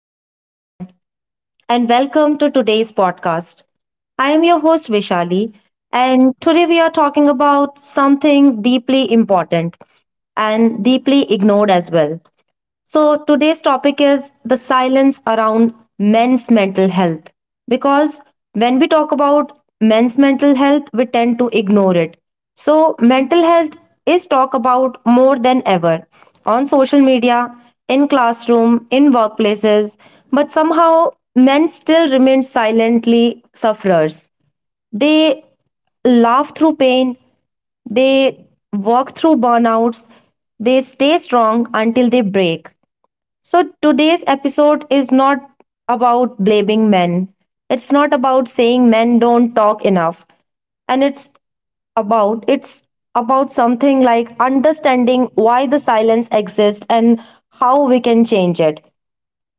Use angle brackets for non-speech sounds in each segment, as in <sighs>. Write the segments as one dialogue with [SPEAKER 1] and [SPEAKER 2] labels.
[SPEAKER 1] Hello, everyone, and welcome to today's podcast. I am your host, Vishali, and today we are talking about something deeply important and deeply ignored as well. So, today's topic is the silence around men's mental health. Because when we talk about men's mental health, we tend to ignore it. So, mental health is talked about more than ever on social media, in classroom, in workplaces, but somehow men still remain silently sufferers. They laugh through pain, they work through burnouts, they stay strong until they break. So today's episode is not about blaming men. It's not about saying men don't talk enough. And it's about something like understanding why the silence exists and how we can change it.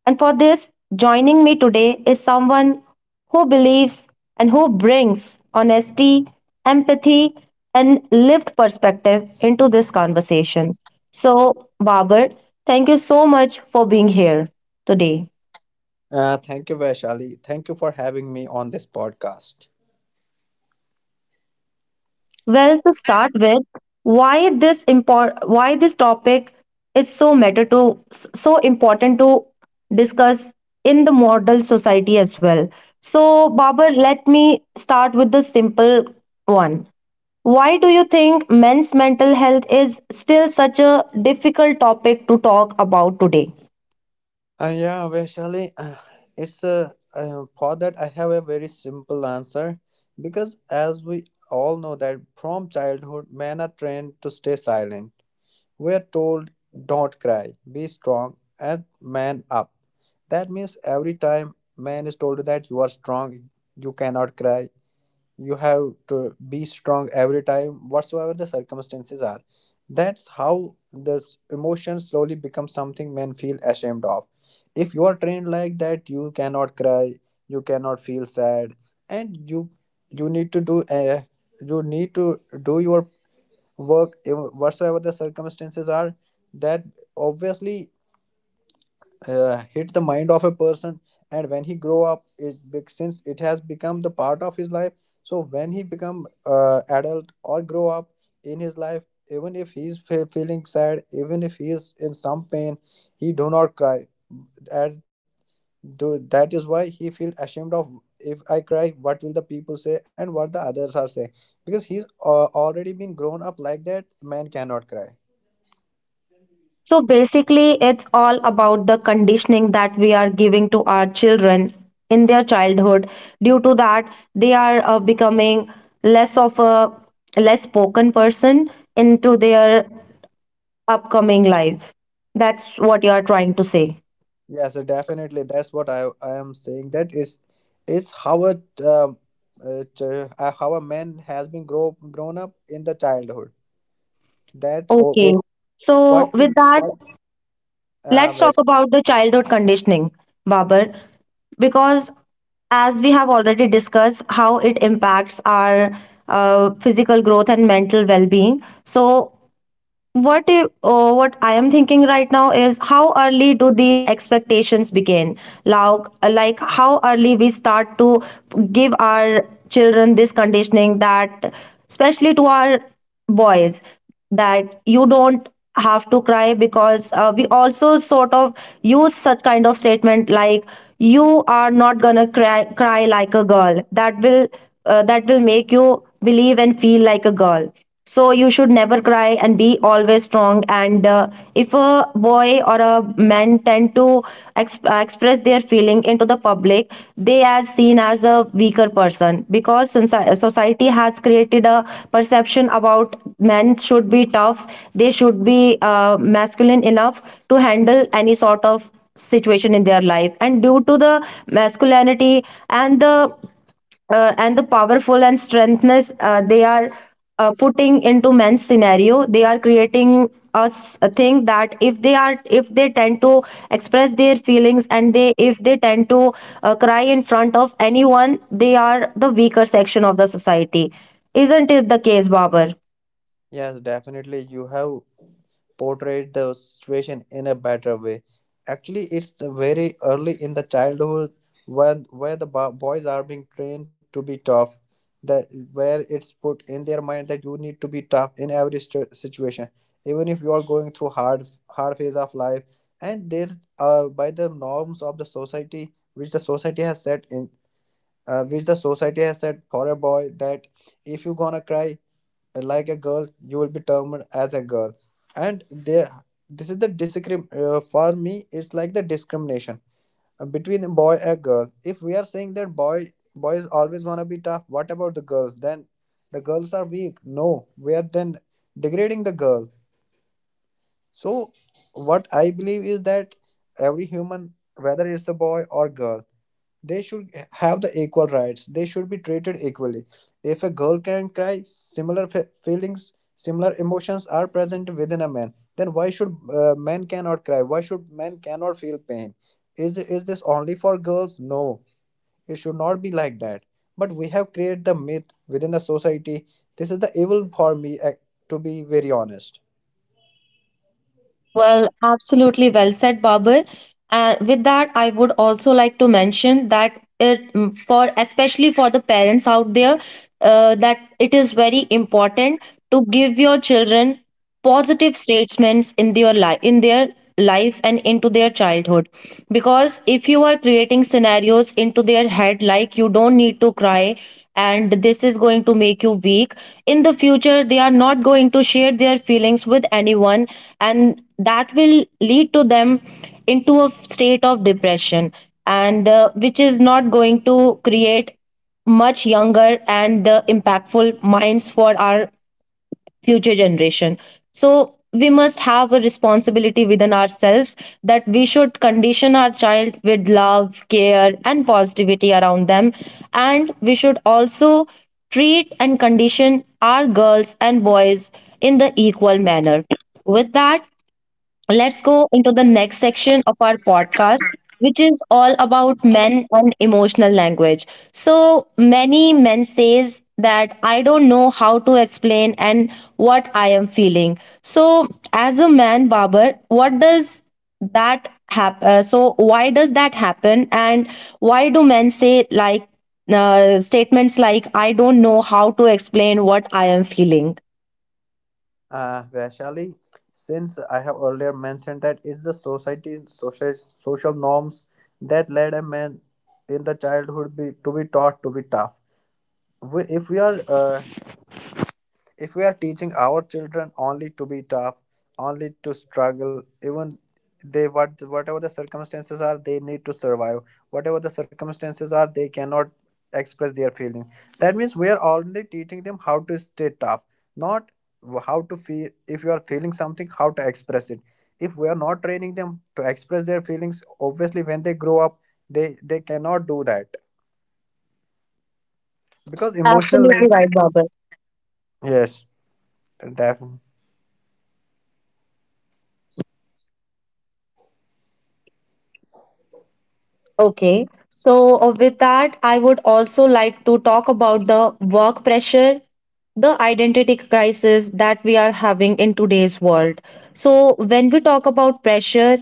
[SPEAKER 1] And for this, joining me today is someone who believes and who brings honesty, empathy, and lived perspective into this conversation. So, Babar, thank you so much for being here today.
[SPEAKER 2] Thank you, Vaishali. Thank you for having me on this podcast.
[SPEAKER 1] Well, to start with, why this topic is so important to discuss in the model society as well. So, Babar, let me start with the simple one. Why do you think men's mental health is still such a difficult topic to talk about today?
[SPEAKER 2] Yeah, Vaishali, it's a For that I have a very simple answer because as we all know that from childhood men are trained to stay silent. We are told don't cry, be strong, and man up. That means every time man is told that you are strong, you cannot cry, you have to be strong every time whatsoever the circumstances are. That's how the emotion slowly becomes something men feel ashamed of. If you are trained like that, you cannot cry, you cannot feel sad, and you need to do you need to do your work whatsoever the circumstances are. That, obviously, hit the mind of a person, and when he grow up since it has become the part of his life, so when he become adult or grow up in his life, even if he's feeling sad, even if he is in some pain, he do not cry. That, do, that is why he feel ashamed of, if I cry what will the people say and what the others are saying, because he's already been grown up like that, man cannot cry.
[SPEAKER 1] So basically, it's all about the conditioning that we are giving to our children in their childhood. Due to that, they are becoming less of a less spoken person into their upcoming life. That's what you are trying to say.
[SPEAKER 2] Yes, so definitely that's what I am saying. That is how a um, how a man has been grown up in the childhood. That
[SPEAKER 1] Okay.
[SPEAKER 2] or,
[SPEAKER 1] So
[SPEAKER 2] what
[SPEAKER 1] with
[SPEAKER 2] is
[SPEAKER 1] that,
[SPEAKER 2] what
[SPEAKER 1] let's talk
[SPEAKER 2] yes,
[SPEAKER 1] about the childhood conditioning, Babar, because as we have already discussed how it impacts our physical growth and mental well-being. So what if, what I am thinking right now is how early do these expectations begin? Like how early we start to give our children this conditioning, that, especially to our boys, that you don't have to cry? Because we also sort of use such kind of statement like you are not gonna cry like a girl. That will make you believe and feel like a girl, so you should never cry and be always strong. And if a boy or a man tend to express their feeling into the public, they are seen as a weaker person, because society has created a perception about men should be tough, they should be masculine enough to handle any sort of situation in their life. And due to the masculinity and the powerful and strengthness, they are putting into men's scenario, they are creating us a thing that if they are, if they tend to express their feelings, and they if they tend to cry in front of anyone, they are the weaker section of the society. Isn't it the case, Babar?
[SPEAKER 2] Yes, definitely, you have portrayed the situation in a better way. Actually, it's the very early in the childhood when where the boys are being trained to be tough. That, where it's put in their mind that you need to be tough in every situation, even if you are going through hard phase of life. And there, by the norms of the society, which the society has set in, which the society has set for a boy, that if you gonna cry like a girl you will be termed as a girl. And there, this is the discrim for me it's like the discrimination between a boy and girl. If we are saying that boys always want to be tough, what about the girls then? The girls are weak? No, we are then degrading the girl. So what I believe is that every human, whether it's a boy or girl, they should have the equal rights. They should be treated equally. If a girl can cry, similar feelings, similar emotions are present within a man. Then why should men cannot cry? Why should men cannot feel pain? Is this only for girls? No, it should not be like that. But we have created the myth within the society. This is the evil for me, to be very honest.
[SPEAKER 1] Well, absolutely well said, Babur. And with that, I would also like to mention that for especially for the parents out there, that it is very important to give your children positive statements in their life, and into their childhood. Because if you are creating scenarios into their head like you don't need to cry and this is going to make you weak in the future, they are not going to share their feelings with anyone, and that will lead to them into a state of depression. And which is not going to create much younger and impactful minds for our future generation. So we must have a responsibility within ourselves that we should condition our child with love, care, and positivity around them, and we should also treat and condition our girls and boys in the equal manner. With that, let's go into the next section of our podcast, which is all about men and emotional language. So many men says that I don't know how to explain and what I am feeling. So as a man, Babar, what does that happen so why does that happen, and why do men say statements like I don't know how to explain what I am feeling?
[SPEAKER 2] Vaishali, since I have earlier mentioned that it's the society, social norms that led a man in the childhood to be taught to be tough. We, if we are If we are teaching our children only to be tough, only to struggle, even they what whatever the circumstances are, they need to survive. Whatever the circumstances are, they cannot express their feelings. That means we are only teaching them how to stay tough, not how to feel. If you are feeling something, how to express it. If we are not training them to express their feelings, obviously when they grow up, they cannot do that because emotional.
[SPEAKER 1] Absolutely
[SPEAKER 2] Lang-
[SPEAKER 1] right, Babar.
[SPEAKER 2] Yes, definitely.
[SPEAKER 1] Okay, so with that, I would also like to talk about the work pressure, the identity crisis that we are having in today's world. So, when we talk about pressure,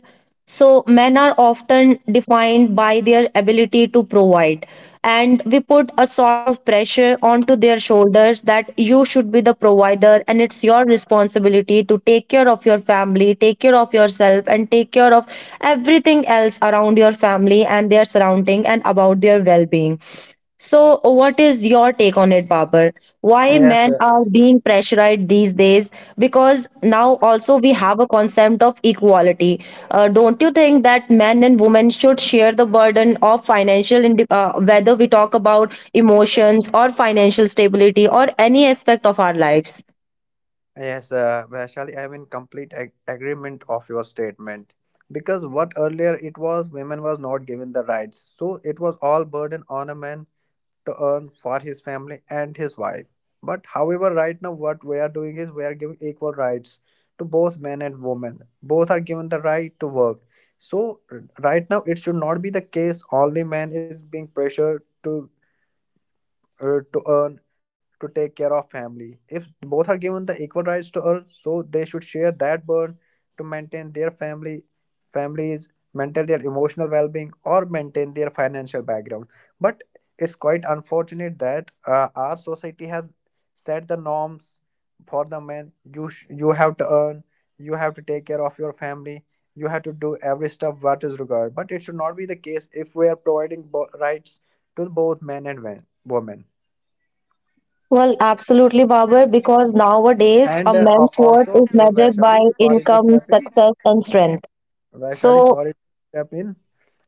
[SPEAKER 1] so men are often defined by their ability to provide, and we put a sort of pressure onto their shoulders that you should be the provider and it's your responsibility to take care of your family, take care of yourself, and take care of everything else around your family and their surrounding and about their well-being. So, what is your take on it, Babar? Why
[SPEAKER 2] Yes,
[SPEAKER 1] men are
[SPEAKER 2] sir.
[SPEAKER 1] being pressurized these days? Because now also we have a concept of equality. Don't you think that men and women should share the burden of financial, whether we talk about emotions or financial stability or any aspect of our lives?
[SPEAKER 2] Yes, Vaishali, I'm in complete agreement of your statement, because what earlier it was women was not given the rights, so it was all burden on a man to earn for his family and his wife. But however, right now what we are doing is we are giving equal rights to both men and women. Both are given the right to work. So right now it should not be the case only man is being pressured to earn, to take care of family. If both are given the equal rights to earn, so they should share that burden to maintain their family families, maintain their emotional well-being or maintain their financial background. But it's quite unfortunate that our society has set the norms for the men. You you have to earn, you have to take care of your family, you have to do every stuff what is required. But it should not be the case if we are providing rights to both men and women.
[SPEAKER 1] Well, absolutely, Babar, because nowadays
[SPEAKER 2] And
[SPEAKER 1] a man's worth
[SPEAKER 2] also,
[SPEAKER 1] is measured by
[SPEAKER 2] Vaishali, sorry to
[SPEAKER 1] income,
[SPEAKER 2] step in.
[SPEAKER 1] success, and strength.
[SPEAKER 2] Vaishali,
[SPEAKER 1] So,
[SPEAKER 2] sorry to step in.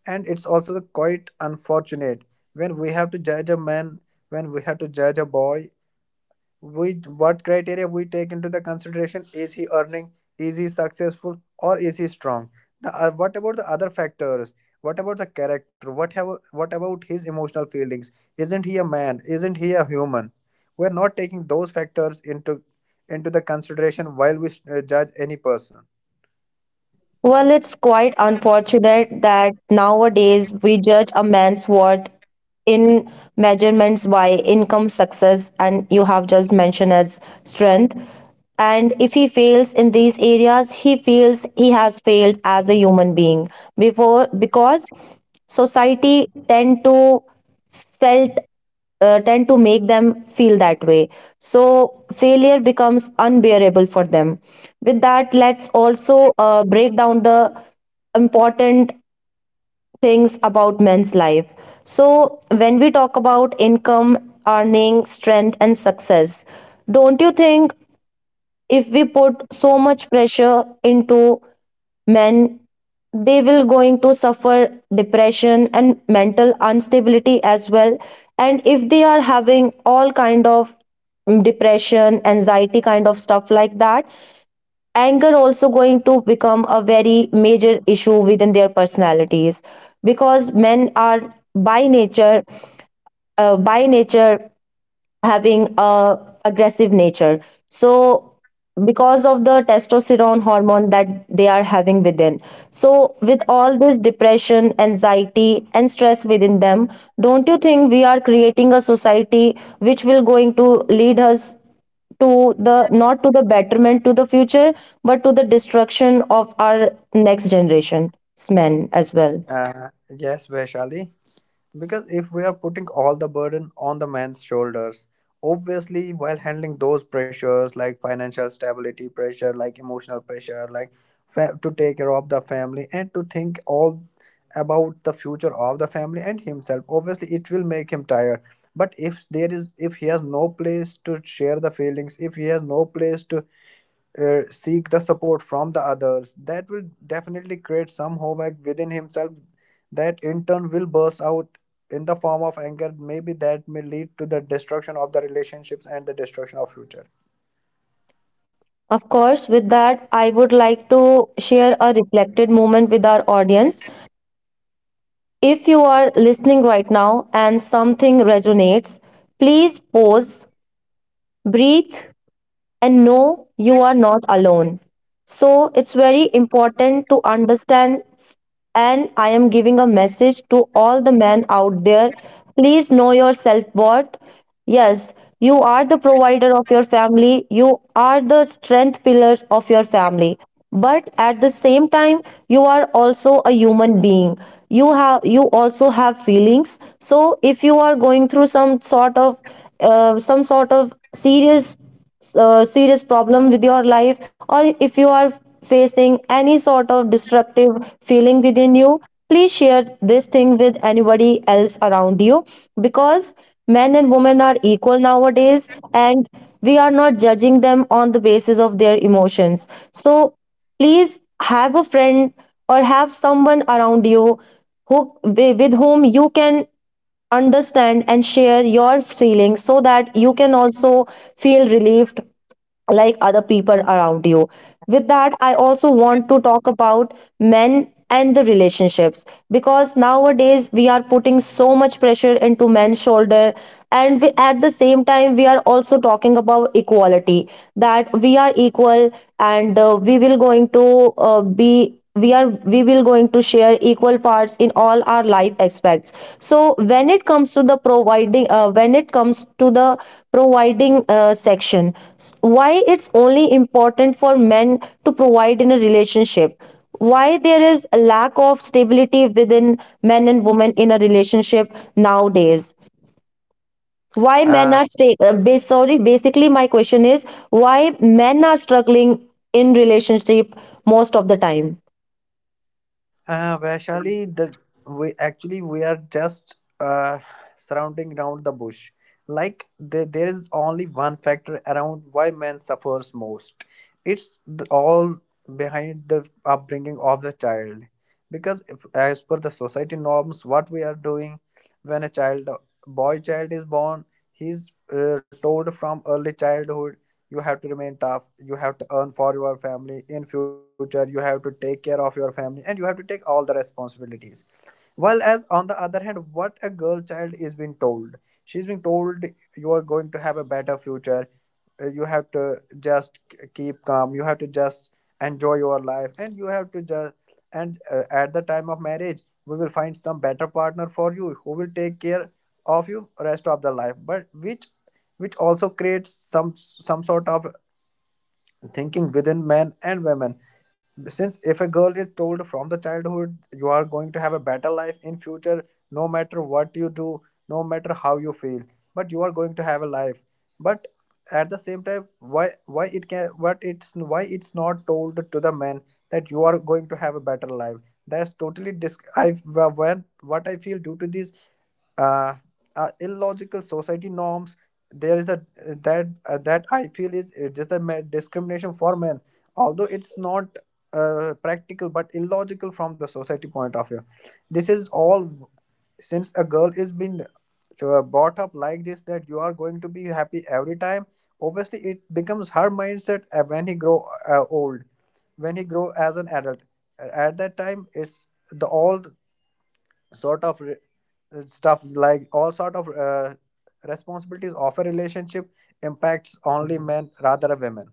[SPEAKER 2] And it's also quite unfortunate, when we have to judge a man, when we have to judge a boy, with what criteria we take into the consideration? Is he earning, is he successful, or is he strong? What about the other factors? What about the character, what about his emotional feelings? Isn't he a man? Isn't he a human? We're not taking those factors into the consideration while we judge any person.
[SPEAKER 1] well, it's quite unfortunate that nowadays we judge a man's worth in measurements by income, success, and you have just mentioned as strength. And if he fails in these areas, he feels he has failed as a human being, before because society felt tend to make them feel that way. So failure becomes unbearable for them. With that, let's also break down the important things about men's life. So when we talk about income, earning, strength, and success, don't you think if we put so much pressure into men, they will going to suffer depression and mental instability as well? And if they are having all kind of depression, anxiety kind of stuff like that, anger also going to become a very major issue within their personalities, because men are by nature having a aggressive nature, so because of the testosterone hormone that they are having within. So with all this depression, anxiety, and stress within them, don't you think we are creating a society which will going to lead us to the not to the betterment to the future, but to the destruction of our next generation's men as well?
[SPEAKER 2] uh, yes, Vaishali. Because if we are putting all the burden on the man's shoulders, obviously, while handling those pressures like financial stability pressure, like emotional pressure, like to take care of the family and to think all about the future of the family and himself, obviously, it will make him tired. But if there is, if he has no place to share the feelings, if he has no place to seek the support from the others, that will definitely create some havoc within himself that in turn will burst out in the form of anger maybe, that may lead to the destruction of the relationships and the destruction of future.
[SPEAKER 1] Of course. With that, I would like to share a reflected moment with our audience. If you are listening right now and something resonates, please pause, breathe, and no, you are not alone. So it's very important to understand. And I am giving a message to all the men out there. Please know your self worth. Yes, you are the provider of your family, you are the strength pillars of your family. But at the same time, you are also a human being. You also have feelings. So if you are going through some sort of serious problem with your life, or if you are facing any sort of destructive feeling within you, please share this thing with anybody else around you, because men and women are equal nowadays, and we are not judging them on the basis of their emotions. So please have a friend or have someone around you who, with whom you can understand and share your feelings, so that you can also feel relieved like other people around you. With that, I also want to talk about men and the relationships, because nowadays we are putting so much pressure into men's shoulder, and we, at the same time we are also talking about equality, that we are equal. And we will going to be we are we will going to share equal parts in all our life aspects. So when it comes to the providing section, why it's only important for men to provide in a relationship? Why there is a lack of stability within men and women in a relationship nowadays? Why men
[SPEAKER 2] Uh,
[SPEAKER 1] are sorry, basically my question is why men are struggling in relationship most of the time?
[SPEAKER 2] Vaishali, the we actually we are just surrounding around the bush. Like there is only one factor around why man suffers most. It's the, all behind the upbringing of the child. Because if, as per the society norms, what we are doing, when a child, boy child is born, he's told from early childhood you have to remain tough, you have to earn for your family in future, you have to take care of your family, and you have to take all the responsibilities. Well, as on the other hand, what a girl child is being told. She's being told you are going to have a better future. You have to just keep calm. You have to just enjoy your life, and you have to just and at the time of marriage, we will find some better partner for you who will take care of you rest of the life. But which also creates some sort of thinking within men and women. Since if a girl is told from the childhood you are going to have a better life in future, no matter what you do, no matter how you feel, but you are going to have a life. But at the same time, why it can what it's why it's not told to the men that you are going to have a better life? That's totally dis- I when what I feel due to this uh, illogical society norms, there is a that that I feel is just a discrimination for men, although it's not practical but illogical from the society point of view. This is all since a girl is being brought up like this, that you are going to be happy every time. Obviously it becomes her mindset when he grow old, when he grow as an adult. At that time, it's the all sort of re- stuff like all sort of responsibilities of a relationship impacts only men rather than women.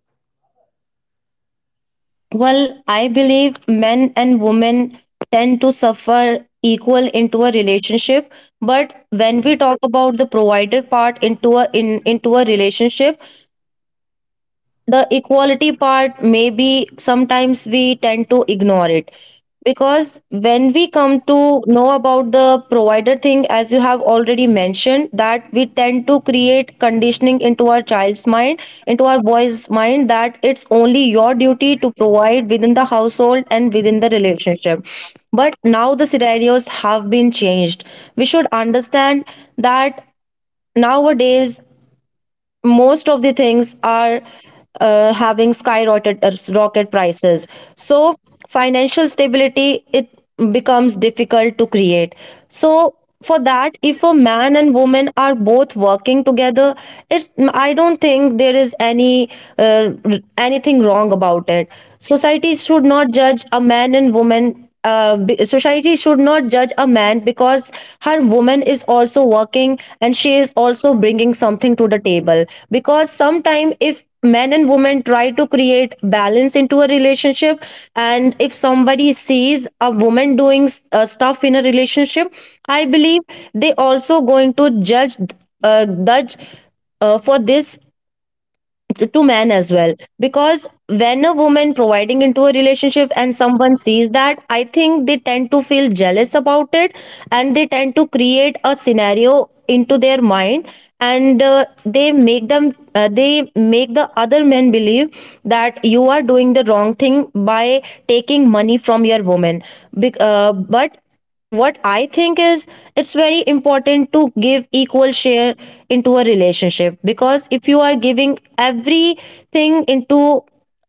[SPEAKER 1] Well, I believe men and women tend to suffer equal into a relationship, but when we talk about the provider part into a in into a relationship, the equality part maybe sometimes we tend to ignore it. Because when we come to know about the provider thing, as you have already mentioned, that we tend to create conditioning into our child's mind, into our boy's mind, that it's only your duty to provide within the household and within the relationship. But now the scenarios have been changed. We should understand that nowadays most of the things are having skyrocketed rocket prices. So financial stability, it becomes difficult to create. So for that, if a man and woman are both working together, it's, I don't think there is any anything wrong about it. Society should not judge a man and woman, society should not judge a man because her Woman is also working and she is also bringing something to the table. Because sometime if men and women try to create balance into a relationship and if somebody sees a woman doing stuff in a relationship, I believe they also going to judge, uh, judge for this, to men as well. Because when a woman providing into a relationship and someone sees that, I think they tend to feel jealous about it, and they tend to create a scenario into their mind, and they make them they make the other men believe that you are doing the wrong thing by taking money from your woman. But what I think is it's very important to give equal share into a relationship, because if you are giving everything into,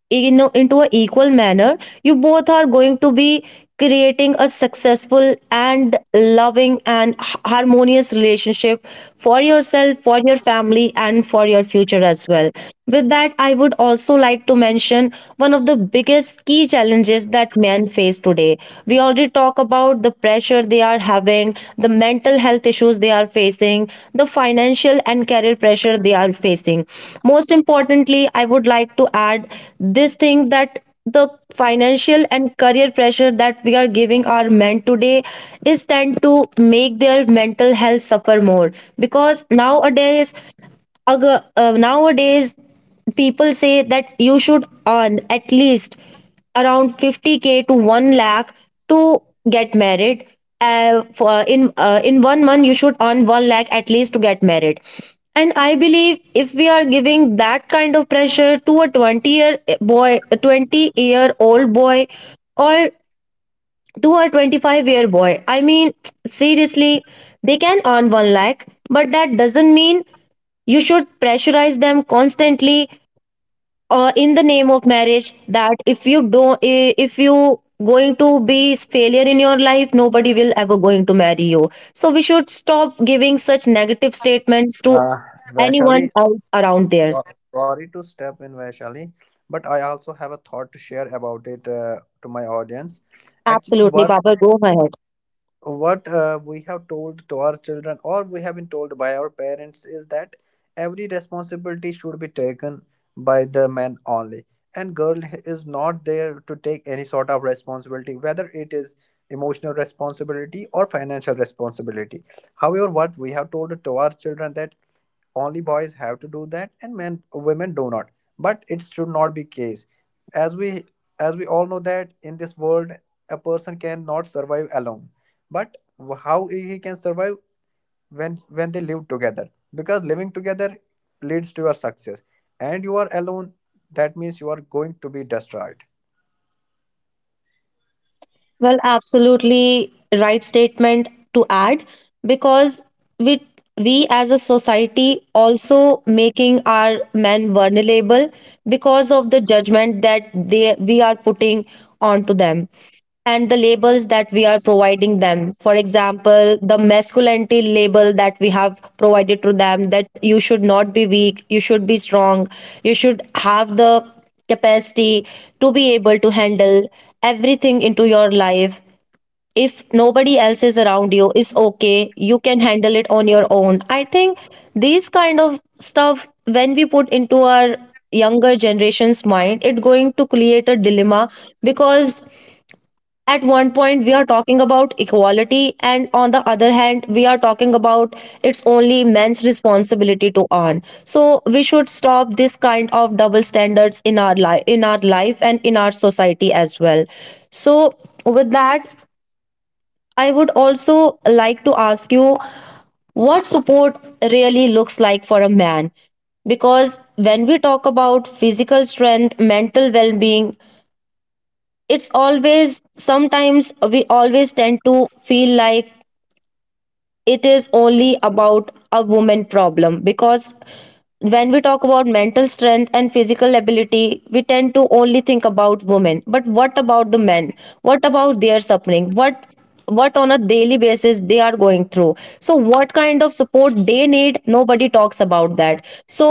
[SPEAKER 1] into a equal manner, you both are going to be creating a successful and loving and harmonious relationship for yourself, for your family, and for your future as well. With that, I would also like to mention one of the biggest key challenges that men face today. We already talk about the pressure they are having, the mental health issues they are facing, the financial and career pressure they are facing. Most importantly, I would like to add this thing, that the financial and career pressure that we are giving our men today is tend to make their mental health suffer more. Because nowadays, nowadays, people say that you should earn at least around 50k to 1 lakh to get married. For in 1 month, you should earn 1 lakh at least to get married. And I believe if we are giving that kind of pressure to a 20-year boy, a 20-year-old boy, or to a 25-year boy. I mean, <tsk> seriously, they can earn 1 lakh, but that doesn't mean you should pressurize them constantly in the name of marriage, that if you don't if you going to be failure in your life, nobody will ever going to marry you. So we should stop giving such negative statements to
[SPEAKER 2] uh,
[SPEAKER 1] anyone
[SPEAKER 2] Vaishali,
[SPEAKER 1] else around there.
[SPEAKER 2] so- sorry to step in, Vaishali, but I also have a thought to share about it to my audience. Actually,
[SPEAKER 1] Absolutely, papa, go ahead.
[SPEAKER 2] what we have told to our children, or we have been told by our parents, is that every responsibility should be taken by the man only, and girl is not there to take any sort of responsibility, whether it is emotional responsibility or financial responsibility. However, what we have told to our children that only boys have to do that, and men women do not. But it should not be case. as we as we all know that in this world a person cannot survive alone. But how he can survive, when they live together, because living together leads to your success. And you are alone, that means you are going to be destroyed.
[SPEAKER 1] Well, absolutely right statement to add, because we we as a society also making our men vulnerable because of the judgment that they we are putting onto them, and the labels that we are providing them. For example, the masculinity label that we have provided to them, that you should not be weak, you should be strong, you should have the capacity to be able to handle everything into your life. If nobody else is around you, it's okay, you can handle it on your own. I think these kind of stuff when we put into our younger generation's mind, it going to create a dilemma. Because at one point we are talking about equality, and on the other hand we are talking about it's only men's responsibility to earn. So we should stop this kind of double standards in our life, and in our society as well. So, with that, I would also like to ask you what support really looks like for a man. Because when we talk about physical strength, mental well-being, it's always sometimes we always tend to feel like it is only about a woman problem. Because when we talk about mental strength and physical ability, we tend to only think about women. But what about the men? What about their suffering? What on a daily basis they are going through? So what kind of support they need? Nobody talks about that. So,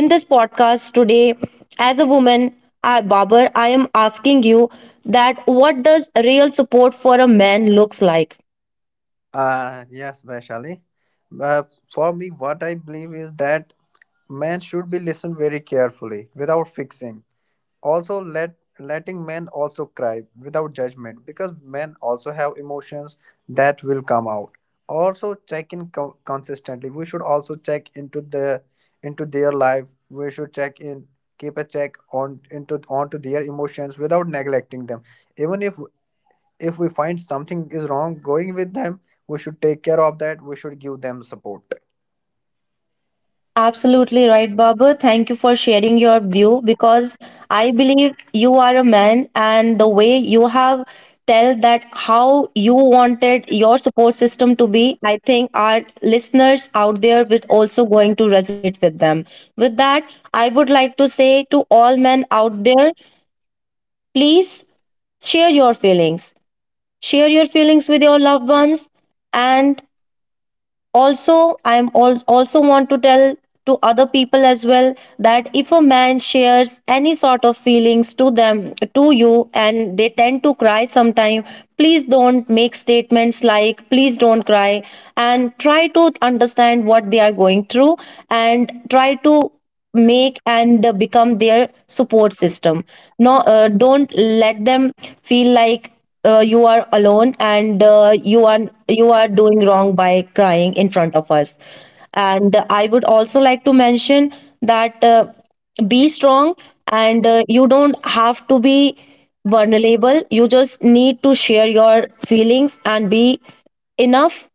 [SPEAKER 1] in this podcast today, as a woman, I, Babar, I am asking you that what does real support for a man looks like?
[SPEAKER 2] Yes, Vaishali. Uh, for me, what I believe is that man should be listened very carefully without fixing, also letting men also cry without judgment because men also have emotions that will come out. Also check in consistently, we should also check into the into their life, we should check in, keep a check on into onto their emotions without neglecting them. Even if we find something is wrong going with them, we should take care of that, we should give them support.
[SPEAKER 1] Absolutely right, Babu. Thank you for sharing your view, because I believe you are a man, and the way you have tell that how you wanted your support system to be, I think our listeners out there will also going to resonate with them. With that, I would like to say to all men out there, please share your feelings. Share your feelings with your loved ones. And also I am all, also want to tell to other people as well, that if a man shares any sort of feelings to them, to you, and they tend to cry sometime, please don't make statements like please don't cry, and try to understand what they are going through, and try to make and become their support system. No don't let them feel like you are alone and you are doing wrong by crying in front of us. And I would also like to mention that be strong, and you don't have to be vulnerable. You just need to share your feelings and be enough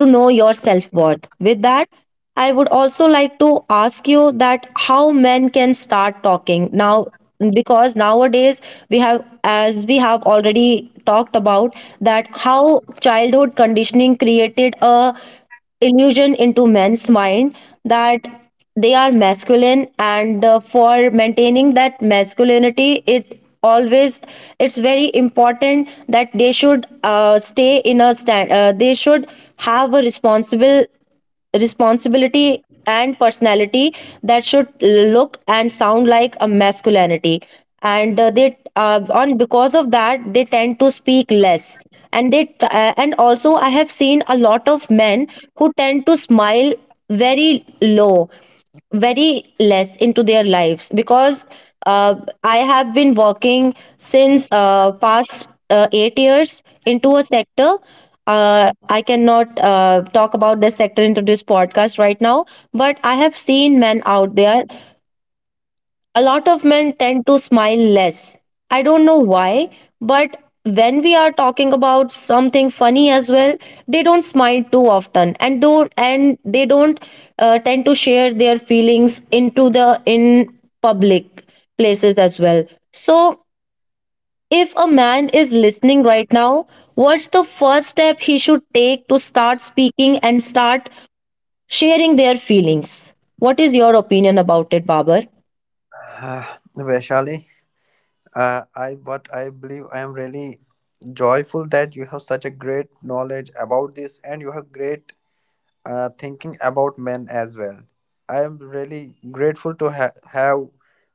[SPEAKER 1] to know your self-worth. With that, I would also like to ask you that how men can start talking now. Because nowadays, we have, as we have already talked about, that how childhood conditioning created a illusion into men's mind, that they are masculine, and for maintaining that masculinity, it always, it's very important that they should stay in a stand they should have a responsible responsibility and personality that should look and sound like a masculinity. And they on because of that they tend to speak less. And they and also I have seen a lot of men who tend to smile very low, very less into their lives. Because uh, I have been working since past 8 years into a sector. I cannot talk about this sector into this podcast right now, but I have seen men out there. A lot of men tend to smile less. I don't know why, but when we are talking about something funny as well, they don't smile too often, and don't and they don't tend to share their feelings into the in public places as well. So, if a man is listening right now, what's the first step he should take to start speaking and start sharing their feelings? What is your opinion about it, Babar?
[SPEAKER 2] <sighs> uh, Vaishali, I what I believe, I am really joyful that you have such a great knowledge about this and you have great thinking about men as well. I am really grateful to have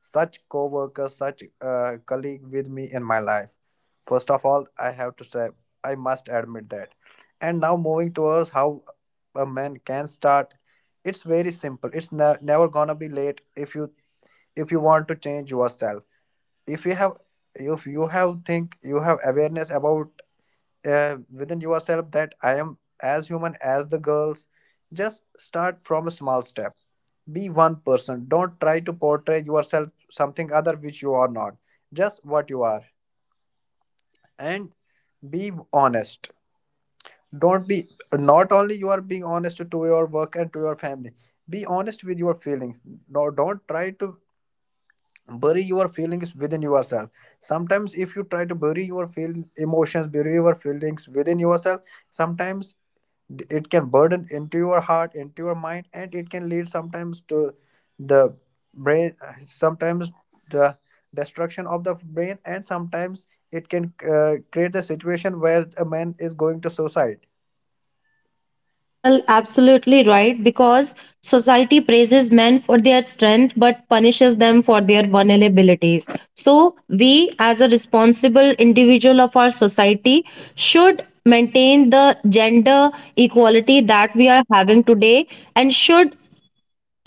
[SPEAKER 2] such co-worker, such colleague with me in my life. First of all, I have to say, I must admit that. And now, moving towards how a man can start, it's very simple. It's never gonna be late if you want to change yourself, if you have if you have think you have awareness about within yourself that I am as human as the girls. Just start from a small step. Be one person. Don't try to portray yourself something other which you are not. Just what you are. And be honest. Don't be, not only you are being honest to your work and to your family. Be honest with your feelings. No, don't try to bury your feelings within yourself. Sometimes if you try to bury your feel emotions, bury your feelings within yourself, sometimes it can burden into your heart, into your mind, and it can lead sometimes to the brain, sometimes the destruction of the brain, and sometimes it can create the situation where a man is going to suicide.
[SPEAKER 1] Well, absolutely right, because society praises men for their strength but punishes them for their vulnerabilities. So, we as a responsible individual of our society should maintain the gender equality that we are having today, and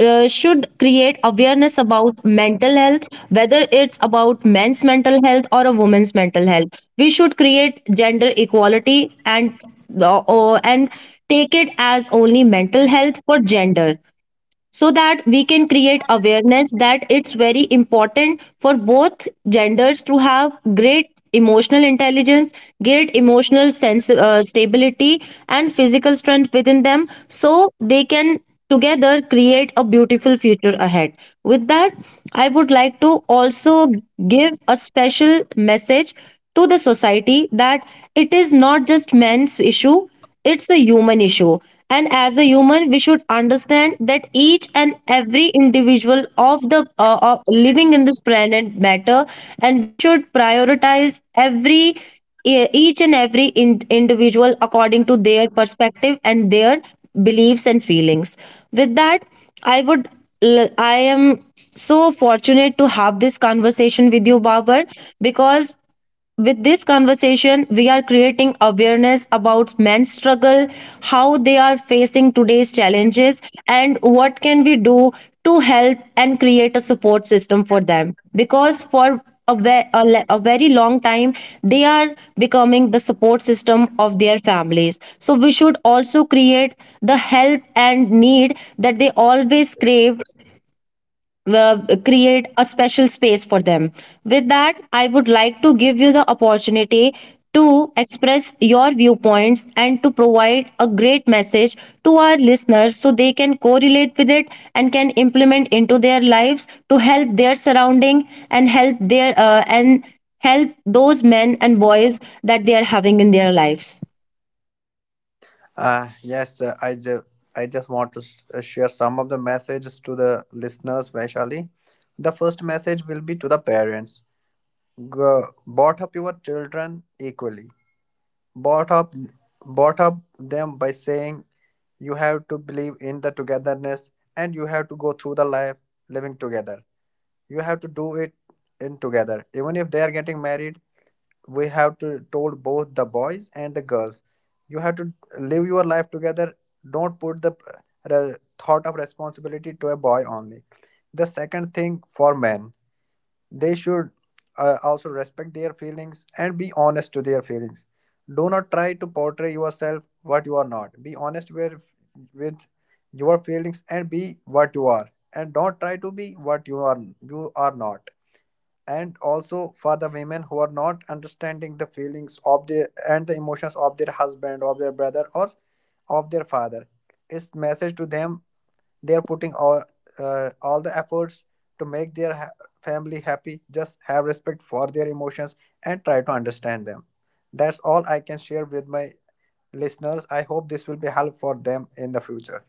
[SPEAKER 1] should create awareness about mental health, whether it's about men's mental health or a woman's mental health. We should create gender equality and and take it as only mental health for gender, so that we can create awareness that it's very important for both genders to have great emotional intelligence, great emotional sense stability, and physical strength within them, so they can together create a beautiful future ahead. With that, I would like to also give a special message to the society, that it is not just men's issue, it's a human issue. And as a human, we should understand that each and every individual of the of living in this planet matter, and we should prioritize every each and every individual according to their perspective and their beliefs and feelings. With that, I would I am so fortunate to have this conversation with you, Babar, because with this conversation, we are creating awareness about men's struggle, how they are facing today's challenges, and what can we do to help and create a support system for them. Because for a, ve- a, le- a very long time, they are becoming the support system of their families. So we should also create the help and need that they always crave. uh, Create a special space for them. With that, I would like to give you the opportunity to express your viewpoints and to provide a great message to our listeners, so they can correlate with it and can implement into their lives to help their surrounding and help their and help those men and boys that they are having in their lives.
[SPEAKER 2] Yes, I just want to share some of the messages to the listeners, especially the first message will be to the parents. Go, brought up your children equally. Bought up bought up them by saying you have to believe in the togetherness and you have to go through the life living together. You have to do it in together. Even if they are getting married, we have to told both the boys and the girls, you have to live your life together. Don't put the uh, thought of responsibility to a boy only. The second thing, for men, they should also respect their feelings and be honest to their feelings. Do not try to portray yourself what you are not. Be honest with your feelings, and be what you are. And don't try to be what you are not. And also for the women who are not understanding the feelings of their and the emotions of their husband, of their brother, or of their father. Its message to them, they are putting all the efforts to make their family happy. Just have respect for their emotions and try to understand them. That's all I can share with my listeners. I hope this will be help for them in the future.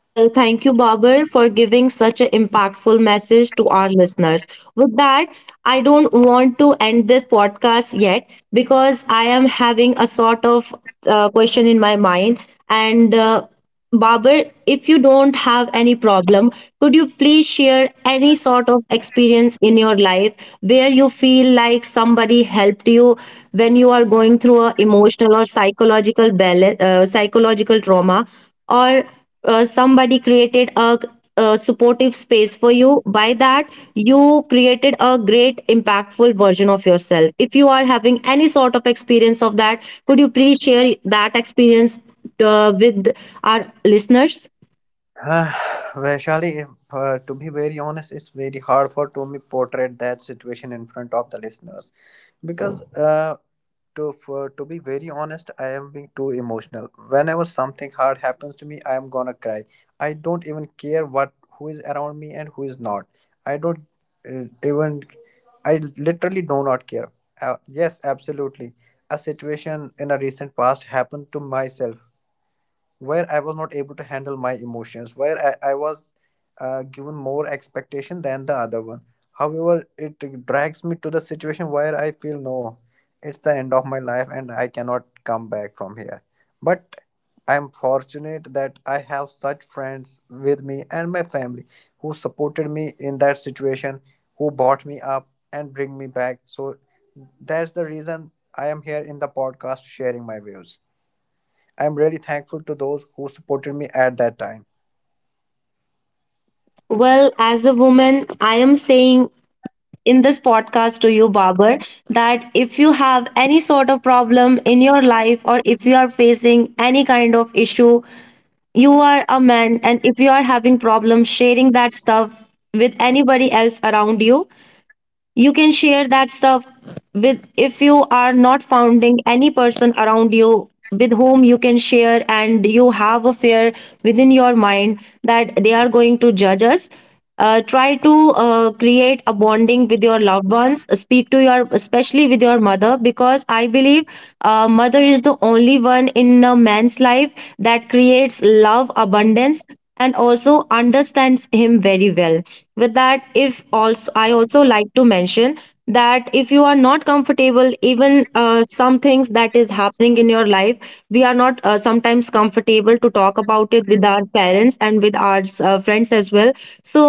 [SPEAKER 1] Well, thank you, Babar, for giving such an impactful message to our listeners. With that, I don't want to end this podcast yet, because I am having a sort of question in my mind. And Babar, if you don't have any problem, could you please share any sort of experience in your life where you feel like somebody helped you when you are going through a emotional or psychological balance, psychological trauma, or somebody created a supportive space for you by that you created a great impactful version of yourself? If you are having any sort of experience of that, could you please share that experience with our listeners?
[SPEAKER 2] Ah, Vaishali, if, to be very honest, it's very hard for to me portray that situation in front of the listeners, because to for, to be very honest, I am being too emotional. Whenever something hard happens to me, I am gonna cry. I don't even care what who is around me and who is not. I don't uh, even I literally do not care. Yes, absolutely, a situation in a recent past happened to myself, where I was not able to handle my emotions, where I was given more expectation than the other one. However, it drags me to the situation where I feel no, it's the end of my life and I cannot come back from here. But I'm fortunate that I have such friends with me and my family who supported me in that situation, who brought me up and bring me back. So that's the reason I am here in the podcast sharing my views. I'm really thankful to those who supported me at that time.
[SPEAKER 1] Well, as a woman, I am saying in this podcast to you, Barber, that if you have any sort of problem in your life, or if you are facing any kind of issue, you are a man, and if you are having problems sharing that stuff with anybody else around you, you can share that stuff with. If you are not founding any person around you with whom you can share, and you have a fear within your mind that they are going to judge us, try to create a bonding with your loved ones. Speak to your, especially with your mother, because I believe mother is the only one in a man's life that creates love abundance and also understands him very well. With that, if also I also like to mention that if you are not comfortable, even some things that is happening in your life, we are not sometimes comfortable to talk about it with our parents and with our friends as well. So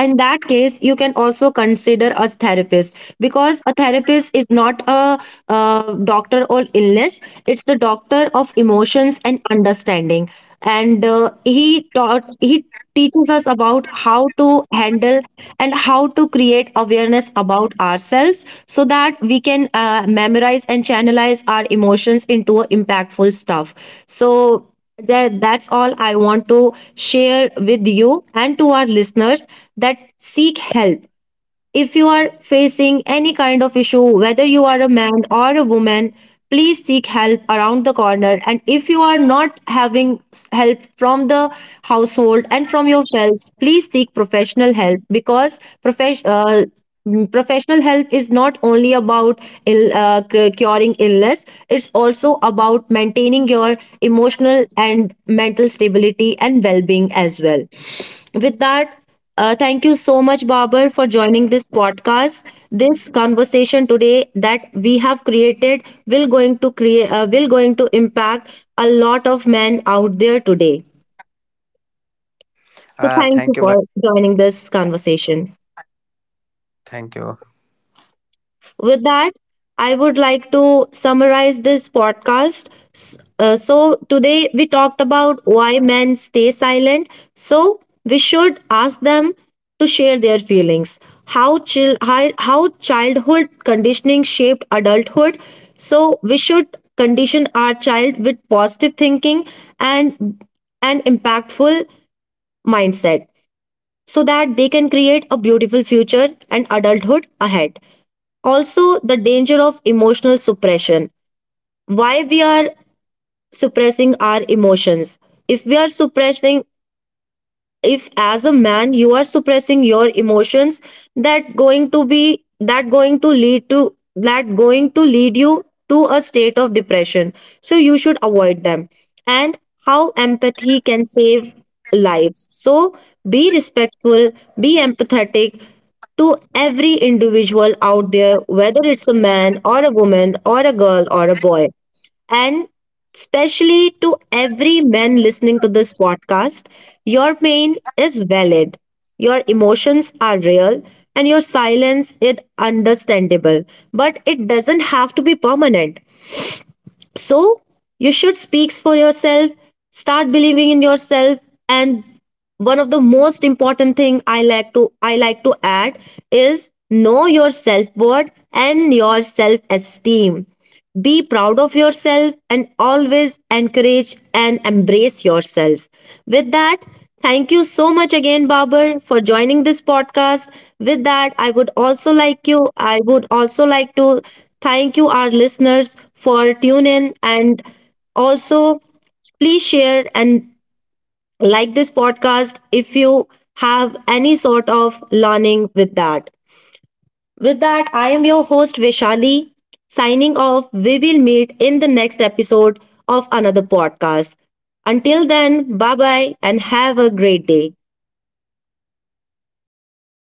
[SPEAKER 1] in that case, you can also consider a therapist, because a therapist is not a doctor or illness. It's the doctor of emotions and understanding. And he teaches us about how to handle and how to create awareness about ourselves, so that we can memorize and channelize our emotions into a impactful stuff. So that's all I want to share with you and to our listeners, that seek help. If you are facing any kind of issue, whether you are a man or a woman, please seek help around the corner. And if you are not having help from the household and from yourselves, please seek professional help, because professional help is not only about curing illness. It's also about maintaining your emotional and mental stability and well-being as well. With that, thank you so much, Babar, for joining this podcast. This conversation today that we have created will going to impact a lot of men out there today. So
[SPEAKER 2] Ah,
[SPEAKER 1] thank
[SPEAKER 2] thank
[SPEAKER 1] you
[SPEAKER 2] you, very-
[SPEAKER 1] for joining this conversation.
[SPEAKER 2] thank you.
[SPEAKER 1] With that, I would like to summarize this podcast. So, today we talked about why men stay silent. So, we should ask them to share their feelings, how childhood conditioning shaped adulthood. So, we should condition our child with positive thinking and an impactful mindset, so that they can create a beautiful future and adulthood ahead. Also, the danger of emotional suppression. Why we are suppressing our emotions? If we are suppressing, if as a man you are suppressing your emotions, that going to be that going to lead to that going to lead you to a state of depression, so you should avoid them. And how empathy can save lives. So be respectful, be empathetic to every individual out there, whether it's a man or a woman or a girl or a boy. And especially to every man listening to this podcast, your pain is valid. Your emotions are real and your silence is understandable, but it doesn't have to be permanent. So you should speak for yourself. Start believing in yourself. And one of the most important thing I like to add is know your self worth and your self esteem. Be proud of yourself and always encourage and embrace yourself. With that, thank you so much again, Babar, for joining this podcast. With that, I would also like to thank you, our listeners, for tune in. And also, please share and like this podcast if you have any sort of learning with that. With that, I am your host Vishali, signing off. We will meet in the next episode of another podcast. Until then, bye bye, and have a great day.